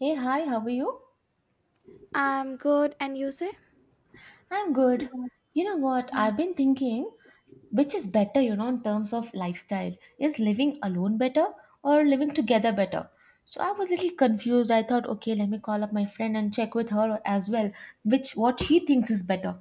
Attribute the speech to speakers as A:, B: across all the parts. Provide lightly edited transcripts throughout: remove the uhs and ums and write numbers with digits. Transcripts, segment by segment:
A: Hey, hi, how are you?
B: I'm good, and you say?
A: I'm good. You know what? I've been thinking which is better, you know, in terms of lifestyle. Is living alone better or living together better? So I was a little confused. I thought, okay, let me call up my friend and check with her as well, which what she thinks is better,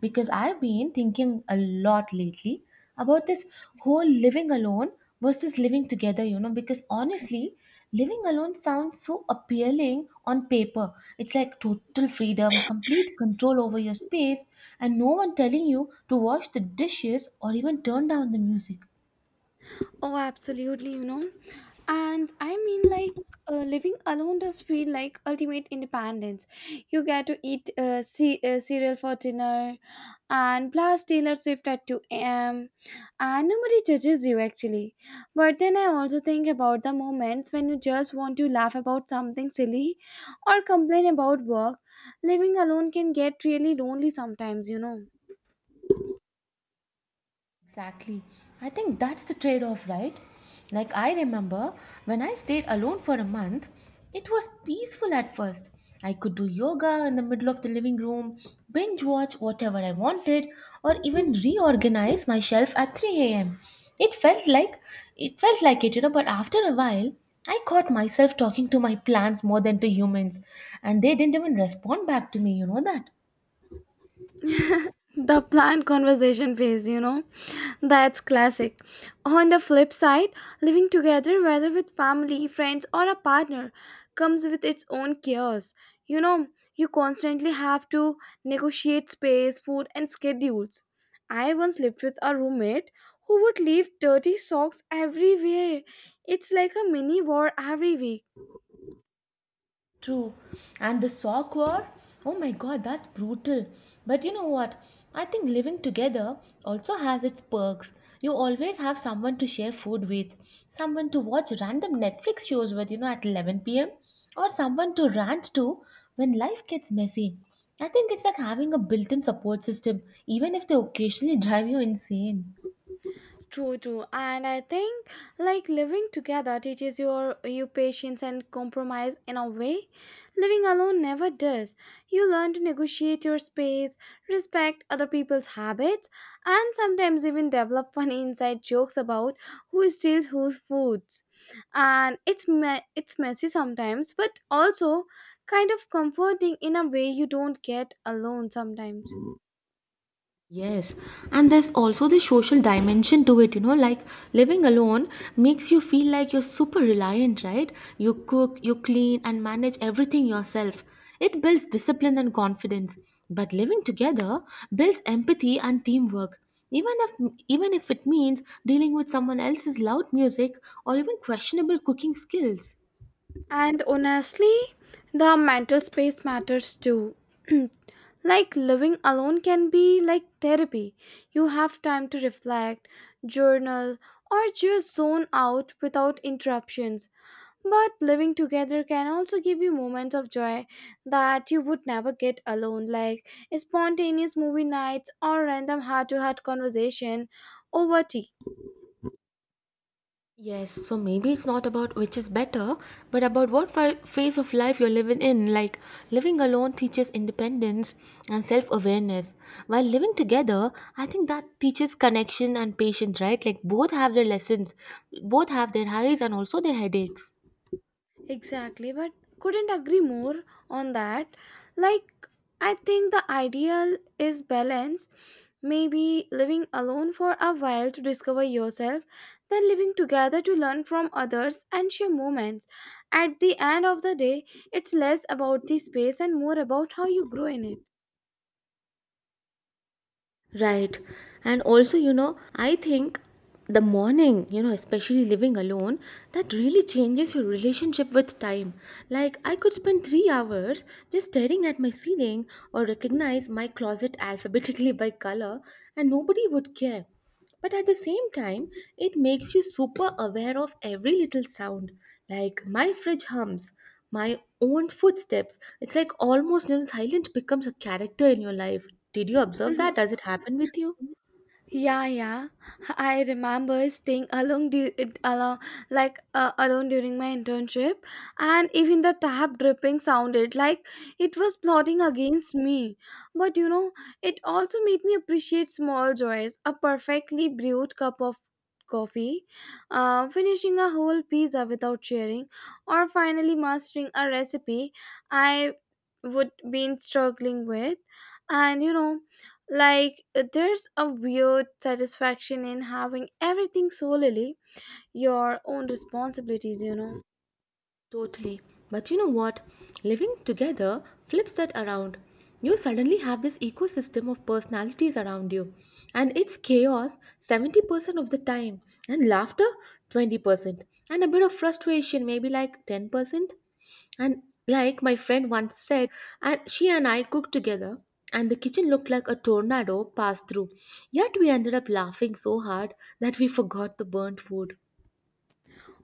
A: because I've been thinking a lot lately about this whole living alone versus living together, you know, because honestly, living alone sounds so appealing on paper. It's like total freedom, complete control over your space, and no one telling you to wash the dishes or even turn down the music.
B: Oh, absolutely, you know. And I mean, like, Living alone does feel like ultimate independence. You get to eat cereal for dinner and blast Taylor Swift at 2 a.m. And nobody judges you actually. But then I also think about the moments when you just want to laugh about something silly or complain about work. Living alone can get really lonely sometimes, you know.
A: Exactly. I think that's the trade off, right? Like, I remember when I stayed alone for a month, it was peaceful at first. I could do yoga in the middle of the living room, binge watch whatever I wanted, or even reorganize my shelf at 3 a.m. It felt like it felt like it, you know, but after a while, I caught myself talking to my plants more than to humans, and they didn't even respond back to me, you know that?
B: The planned conversation phase, you know, that's classic. On the flip side, living together, whether with family, friends, or a partner, comes with its own chaos. You know, you constantly have to negotiate space, food, and schedules. I once lived with a roommate who would leave dirty socks everywhere. It's like a mini war every week.
A: True. And the sock war? Oh my god, that's brutal. But you know what? I think living together also has its perks. You always have someone to share food with, someone to watch random Netflix shows with, you know, at 11 p.m., or someone to rant to when life gets messy. I think it's like having a built in support system, even if they occasionally drive you insane.
B: True, true. And I think like living together teaches you patience and compromise in a way living alone never does. You learn to negotiate your space, respect other people's habits, and sometimes even develop funny inside jokes about who steals whose foods. And it's messy sometimes, but also kind of comforting in a way you don't get alone sometimes.
A: Yes, and there's also the social dimension to it, you know, like living alone makes you feel like you're super reliant, right? You cook, you clean, and manage everything yourself. It builds discipline and confidence. But living together builds empathy and teamwork. Even if it means dealing with someone else's loud music or even questionable cooking skills.
B: And honestly, the mental space matters too. Like living alone can be like therapy. You have time to reflect, journal, or just zone out without interruptions. But living together can also give you moments of joy that you would never get alone, like spontaneous movie nights or random heart to heart conversation over tea.
A: Yes, so maybe it's not about which is better, but about what phase of life you're living in. Like, living alone teaches independence and self awareness, while living together, I think that teaches connection and patience, right? Like, both have their lessons, both have their highs and also their headaches.
B: Exactly, but couldn't agree more on that. Like, I think the ideal is balance. Maybe living alone for a while to discover yourself, then living together to learn from others and share moments. At the end of the day, it's less about the space and more about how you grow in it.
A: Right. And also, you know, I think the morning, you know, especially living alone, that really changes your relationship with time. Like, I could spend 3 hours just staring at my ceiling or recognize my closet alphabetically by color, and nobody would care, but at the same time it makes you super aware of every little sound, like my fridge hums, my own footsteps. It's like almost, you know, silence becomes a character in your life. Did you observe that? Does it happen with you?
B: Yeah, yeah. I remember staying alone, du- it along, like alone during my internship, and even the tap dripping sounded like it was plotting against me. But you know, it also made me appreciate small joys. A perfectly brewed cup of coffee, finishing a whole pizza without sharing, or finally mastering a recipe I would been struggling with, and you know. Like, there's a weird satisfaction in having everything solely your own responsibilities, you know.
A: Totally. But you know what? Living together flips that around. You suddenly have this ecosystem of personalities around you, and it's chaos 70% of the time, and laughter 20%, and a bit of frustration, maybe like 10%. And like my friend once said, and she and I cooked together, and the kitchen looked like a tornado passed through. Yet we ended up laughing so hard that we forgot the burnt food.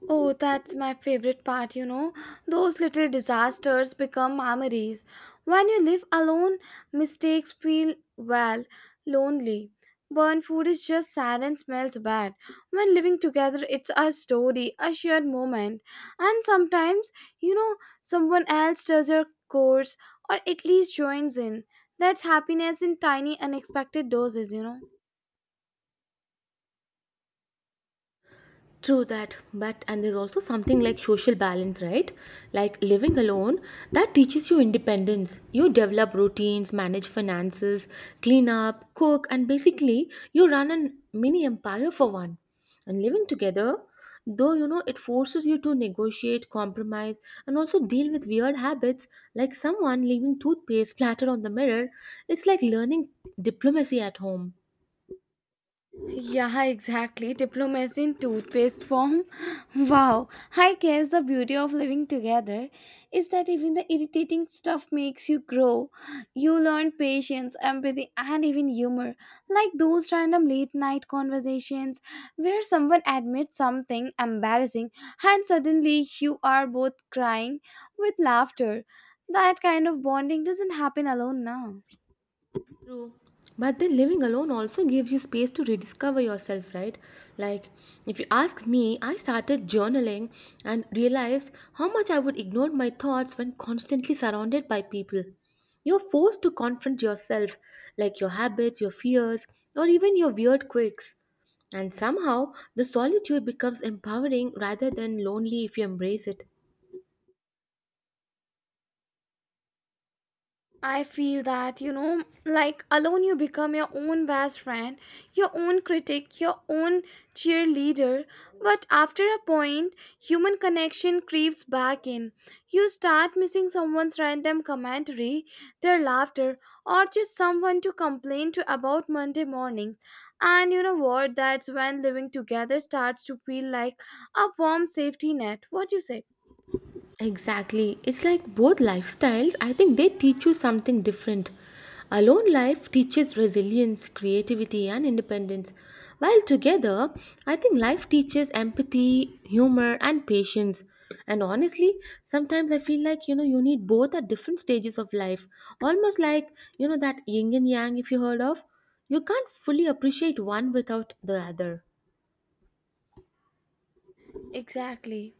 B: Oh, that's my favorite part, you know. Those little disasters become memories. When you live alone, mistakes feel, well, lonely. Burnt food is just sad and smells bad. When living together, it's a story, a shared moment. And sometimes, you know, someone else does your course or at least joins in. That's happiness in tiny, unexpected doses, you know.
A: True that, but and there's also something like social balance, right? Like living alone, that teaches you independence. You develop routines, manage finances, clean up, cook, and basically you run a mini empire for one. And living together, though you know it forces you to negotiate, compromise, and also deal with weird habits like someone leaving toothpaste scattered on the mirror, it's like learning diplomacy at home.
B: Yeah, exactly. Diplomacy in toothpaste form. Wow. I guess the beauty of living together is that even the irritating stuff makes you grow. You learn patience, empathy, and even humor. Like those random late night conversations where someone admits something embarrassing and suddenly you are both crying with laughter. That kind of bonding doesn't happen alone now.
A: True. But then living alone also gives you space to rediscover yourself, right? Like, if you ask me, I started journaling and realized how much I would ignore my thoughts when constantly surrounded by people. You're forced to confront yourself, like your habits, your fears, or even your weird quirks. And somehow, the solitude becomes empowering rather than lonely if you embrace it.
B: I feel that, you know, like alone you become your own best friend, your own critic, your own cheerleader. But after a point, human connection creeps back in. You start missing someone's random commentary, their laughter, or just someone to complain to about Monday mornings. And you know what? That's when living together starts to feel like a warm safety net. What do you say?
A: Exactly. It's like both lifestyles, I think they teach you something different. Alone life teaches resilience, creativity, and independence, while together, I think life teaches empathy, humor, and patience. And honestly, sometimes I feel like you know you need both at different stages of life, almost like you know that yin and yang, if you heard of. You can't fully appreciate one without the other.
B: Exactly.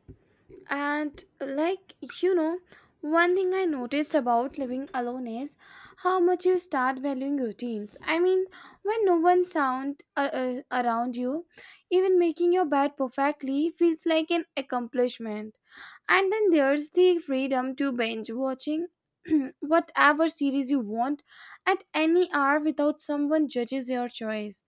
B: And like you know, one thing I noticed about living alone is how much you start valuing routines. I mean, when no one sound around you, even making your bed perfectly feels like an accomplishment. And then there's the freedom to binge watching whatever series you want at any hour without someone judges your choice.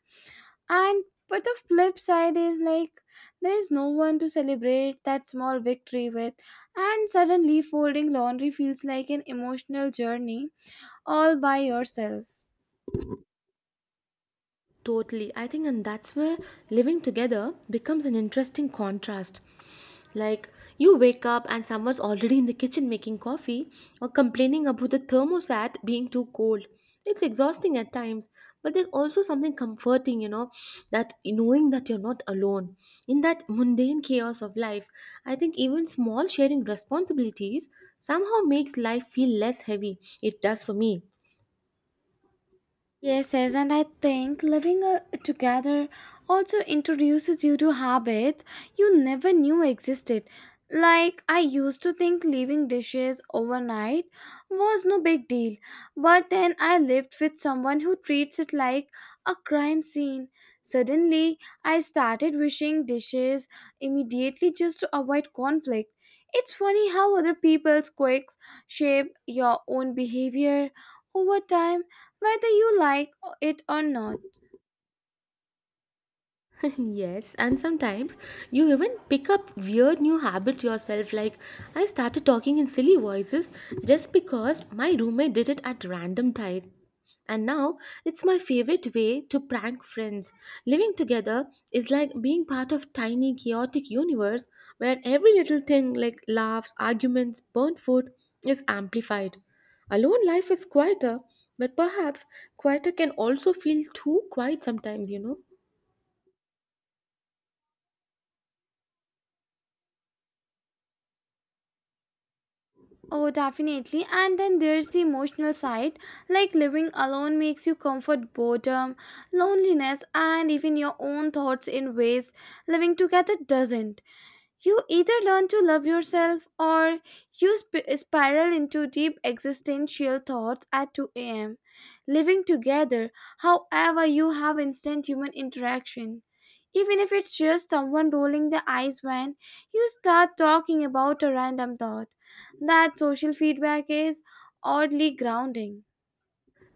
B: And but the flip side is like there is no one to celebrate that small victory with, and suddenly folding laundry feels like an emotional journey all by yourself.
A: Totally. I think, and that's where living together becomes an interesting contrast. Like, you wake up and someone's already in the kitchen making coffee or complaining about the thermostat being too cold. It's exhausting at times, but there's also something comforting, you know, that knowing that you're not alone. In that mundane chaos of life, I think even small sharing responsibilities somehow makes life feel less heavy. It does for me.
B: Yes, yes, and I think living together also introduces you to habits you never knew existed. Like, I used to think leaving dishes overnight was no big deal, but then I lived with someone who treats it like a crime scene. Suddenly, I started wishing dishes immediately just to avoid conflict. It's funny how other people's quirks shape your own behavior over time whether you like it or not.
A: yes, and sometimes you even pick up weird new habits yourself. Like, I started talking in silly voices just because my roommate did it at random times. And now it's my favorite way to prank friends. Living together is like being part of tiny chaotic universe where every little thing like laughs, arguments, burnt food is amplified. Alone life is quieter, but perhaps quieter can also feel too quiet sometimes, you know.
B: Oh, definitely. And then there's the emotional side, like living alone makes you comfort boredom, loneliness, and even your own thoughts in ways living together doesn't. You either learn to love yourself or you spiral into deep existential thoughts at 2 a.m. Living together, however, you have instant human interaction. Even if it's just someone rolling the eyes when you start talking about a random thought, that social feedback is oddly grounding.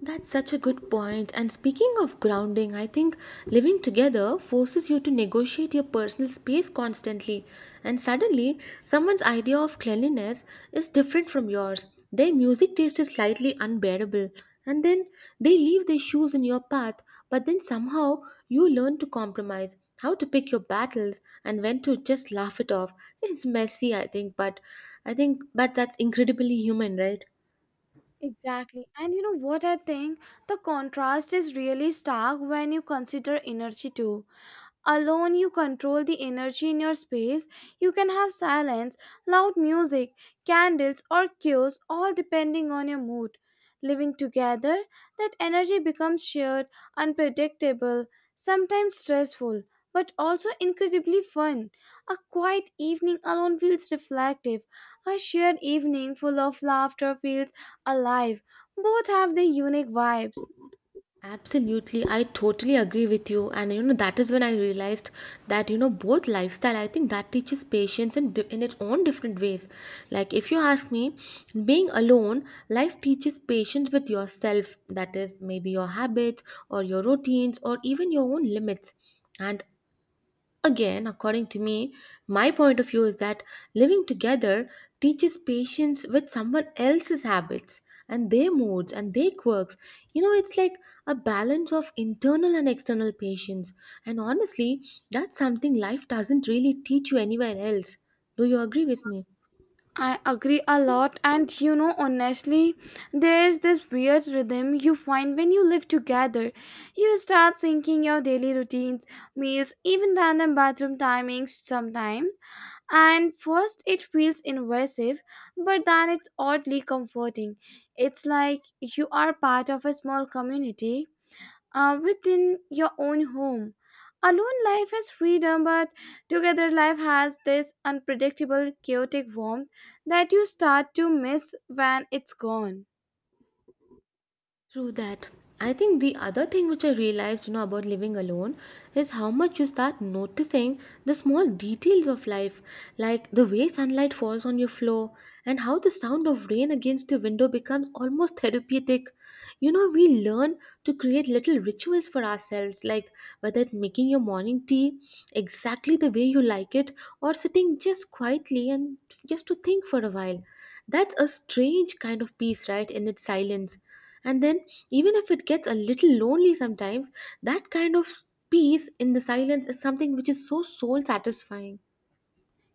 A: That's such a good point. And speaking of grounding, I think living together forces you to negotiate your personal space constantly. And suddenly, someone's idea of cleanliness is different from yours. Their music taste is slightly unbearable. And then they leave their shoes in your path, but then somehow you learn to compromise, how to pick your battles, and when to just laugh it off. It's messy, I think, but that's incredibly human, right?
B: Exactly. And you know what I think? The contrast is really stark when you consider energy too. Alone, you control the energy in your space. You can have silence, loud music, candles, or cues, all depending on your mood. Living together, that energy becomes shared, unpredictable, sometimes stressful, but also incredibly fun. A quiet evening alone feels reflective. A shared evening full of laughter feels alive. Both have their unique vibes.
A: Absolutely, I totally agree with you. And you know, that is when I realized that you know, both lifestyle, I think that teaches patience in, in its own different ways. Like, if you ask me, being alone, life teaches patience with yourself, that is, maybe your habits or your routines or even your own limits. And again, according to me, my point of view is that living together teaches patience with someone else's habits and their moods and their quirks. You know, it's like a balance of internal and external patience. And honestly, that's something life doesn't really teach you anywhere else. Do you agree with me?
B: I agree a lot, and you know, honestly, there's this weird rhythm you find when you live together. You start syncing your daily routines, meals, even random bathroom timings sometimes. And first, it feels invasive, but then it's oddly comforting. It's like you are part of a small community within your own home. Alone life has freedom, but together life has this unpredictable, chaotic warmth that you start to miss when it's gone.
A: True that. I think the other thing which I realized, you know, about living alone is how much you start noticing the small details of life, like the way sunlight falls on your floor and how the sound of rain against your window becomes almost therapeutic. You know, we learn to create little rituals for ourselves, like whether it's making your morning tea exactly the way you like it or sitting just quietly and just to think for a while. That's a strange kind of peace, right, in its silence, and then, even if it gets a little lonely sometimes, that kind of peace in the silence is something which is so soul satisfying.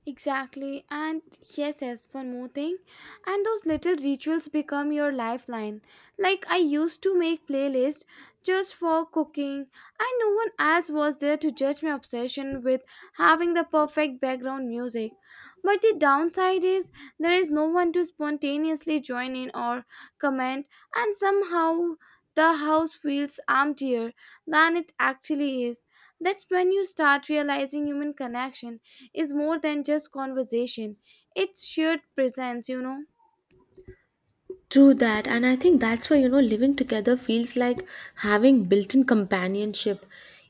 B: Exactly, and yes, yes, one more thing. And those little rituals become your lifeline. Like, I used to make playlists just for cooking, and no one else was there to judge my obsession with having the perfect background music. But the downside is there is no one to spontaneously join in or comment, and somehow the house feels emptier than it actually is. That's when you start realizing human connection is more than just conversation. It's shared presence, you know.
A: True that, and I think that's why you know living together feels like having built in companionship.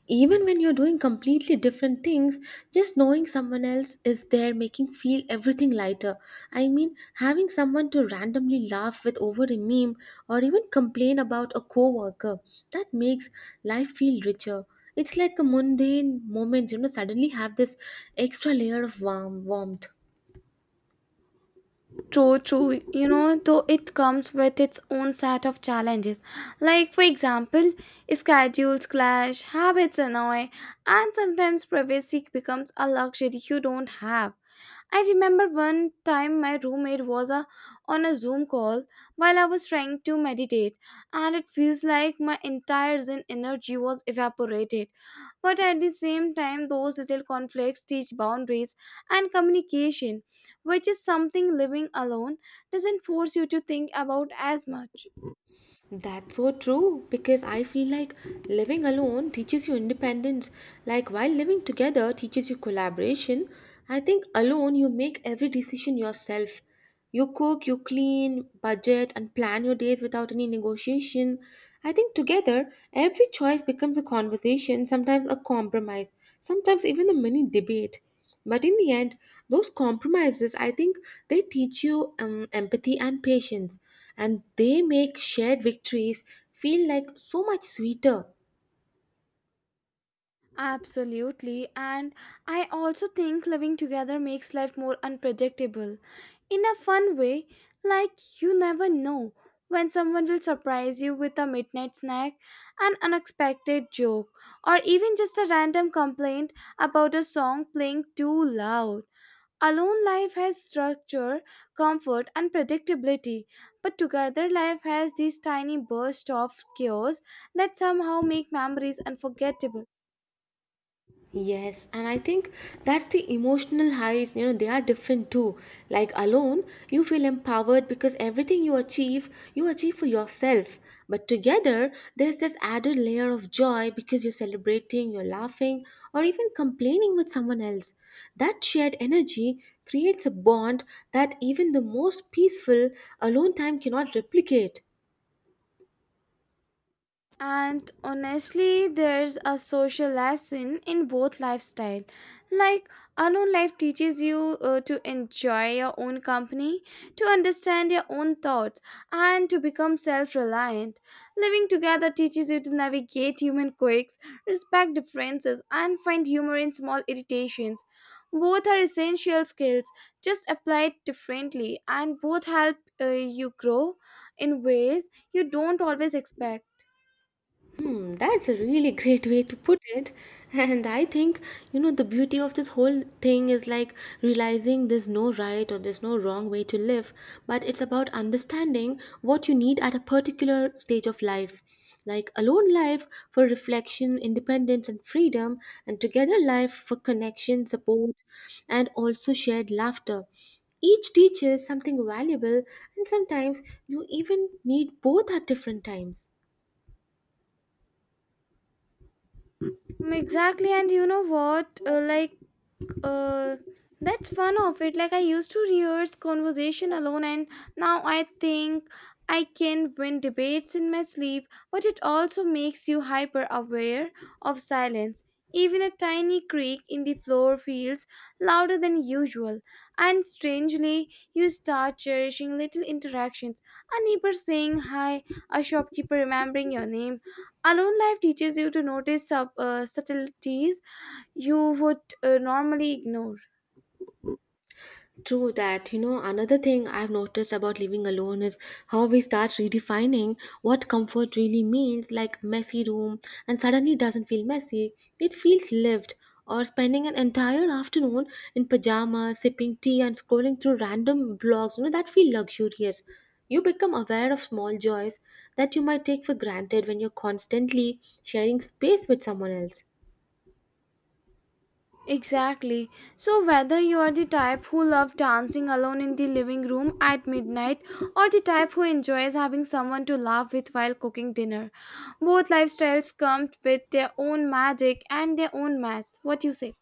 A: Even when you're doing completely different things, just knowing someone else is there making feel everything lighter. I mean, having someone to randomly laugh with over a meme or even complain about a coworker, that makes life feel richer. It's like a mundane moment, you know, suddenly have this extra layer of warmth.
B: True, true. You know, though it comes with its own set of challenges. Like, for example, schedules clash, habits annoy, and sometimes privacy becomes a luxury you don't have. I remember one time my roommate was on a Zoom call while I was trying to meditate, and it feels like my entire Zen energy was evaporated. But at the same time, those little conflicts teach boundaries and communication, which is something living alone doesn't force you to think about as much.
A: That's so true because I feel like living alone teaches you independence. Like while living together teaches you collaboration, I think alone you make every decision yourself. You cook, you clean, budget, and plan your days without any negotiation. I think together every choice becomes a conversation, sometimes a compromise, sometimes even a mini debate. But in the end, those compromises, I think they teach you empathy and patience, and they make shared victories feel like so much sweeter.
B: Absolutely, and I also think living together makes life more unpredictable in a fun way, like you never know when someone will surprise you with a midnight snack, an unexpected joke, or even just a random complaint about a song playing too loud. Alone life has structure, comfort, and predictability, but together life has these tiny bursts of chaos that somehow make memories unforgettable.
A: Yes, and I think that's the emotional highs, you know, they are different too. Like alone, you feel empowered because everything you achieve for yourself. But together, there's this added layer of joy because you're celebrating, you're laughing, or even complaining with someone else. That shared energy creates a bond that even the most peaceful alone time cannot replicate.
B: And honestly, there's a social lesson in both lifestyle. Like alone life teaches you to enjoy your own company, to understand your own thoughts, and to become self-reliant. Living together teaches you to navigate human quirks, respect differences, and find humor in small irritations. Both are essential skills, just applied differently, and both help you grow in ways you don't always expect.
A: Hmm, that's a really great way to put it. And I think, you know, the beauty of this whole thing is like realizing there's no right or there's no wrong way to live, but it's about understanding what you need at a particular stage of life. Like alone life for reflection, independence, and freedom, and together life for connection, support, and also shared laughter. Each teaches something valuable, and sometimes you even need both at different times.
B: Exactly, and you know what? Uh, that's one of it. Like I used to rehearse conversation alone, and now I think I can win debates in my sleep. But it also makes you hyper aware of silence. Even a tiny creak in the floor feels louder than usual, and strangely, you start cherishing little interactions. A neighbor saying hi, a shopkeeper remembering your name. Alone life teaches you to notice subtleties you would normally ignore.
A: True that. You know, another thing I've noticed about living alone is how we start redefining what comfort really means, like messy room, and suddenly it doesn't feel messy. It feels lived. Or spending an entire afternoon in pajamas, sipping tea, and scrolling through random blogs, you know, that feel luxurious. You become aware of small joys that you might take for granted when you're constantly sharing space with someone else.
B: Exactly. So, whether you are the type who love dancing alone in the living room at midnight or the type who enjoys having someone to laugh with while cooking dinner, both lifestyles come with their own magic and their own mess. What you say?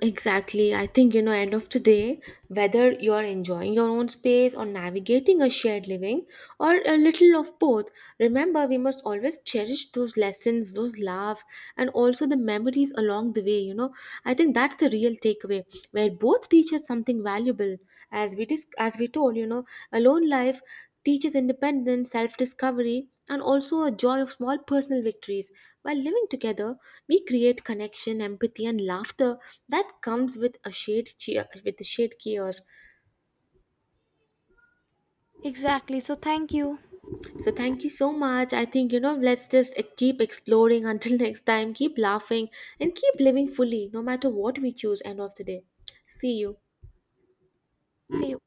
A: Exactly. I think, you know, end of the day, whether you're enjoying your own space or navigating a shared living or a little of both, remember we must always cherish those lessons, those laughs, and also the memories along the way, you know. I think that's the real takeaway where both teach us something valuable. As we told, you know, alone life teaches independence, self discovery, and also a joy of small personal victories. While living together, we create connection, empathy, and laughter that comes with a shared cheer, with a shared chaos.
B: Exactly. So, thank you.
A: So thank you so much. I think you know. Let's just keep exploring until next time. Keep laughing and keep living fully, no matter what we choose. End of the day. See you.
B: See you.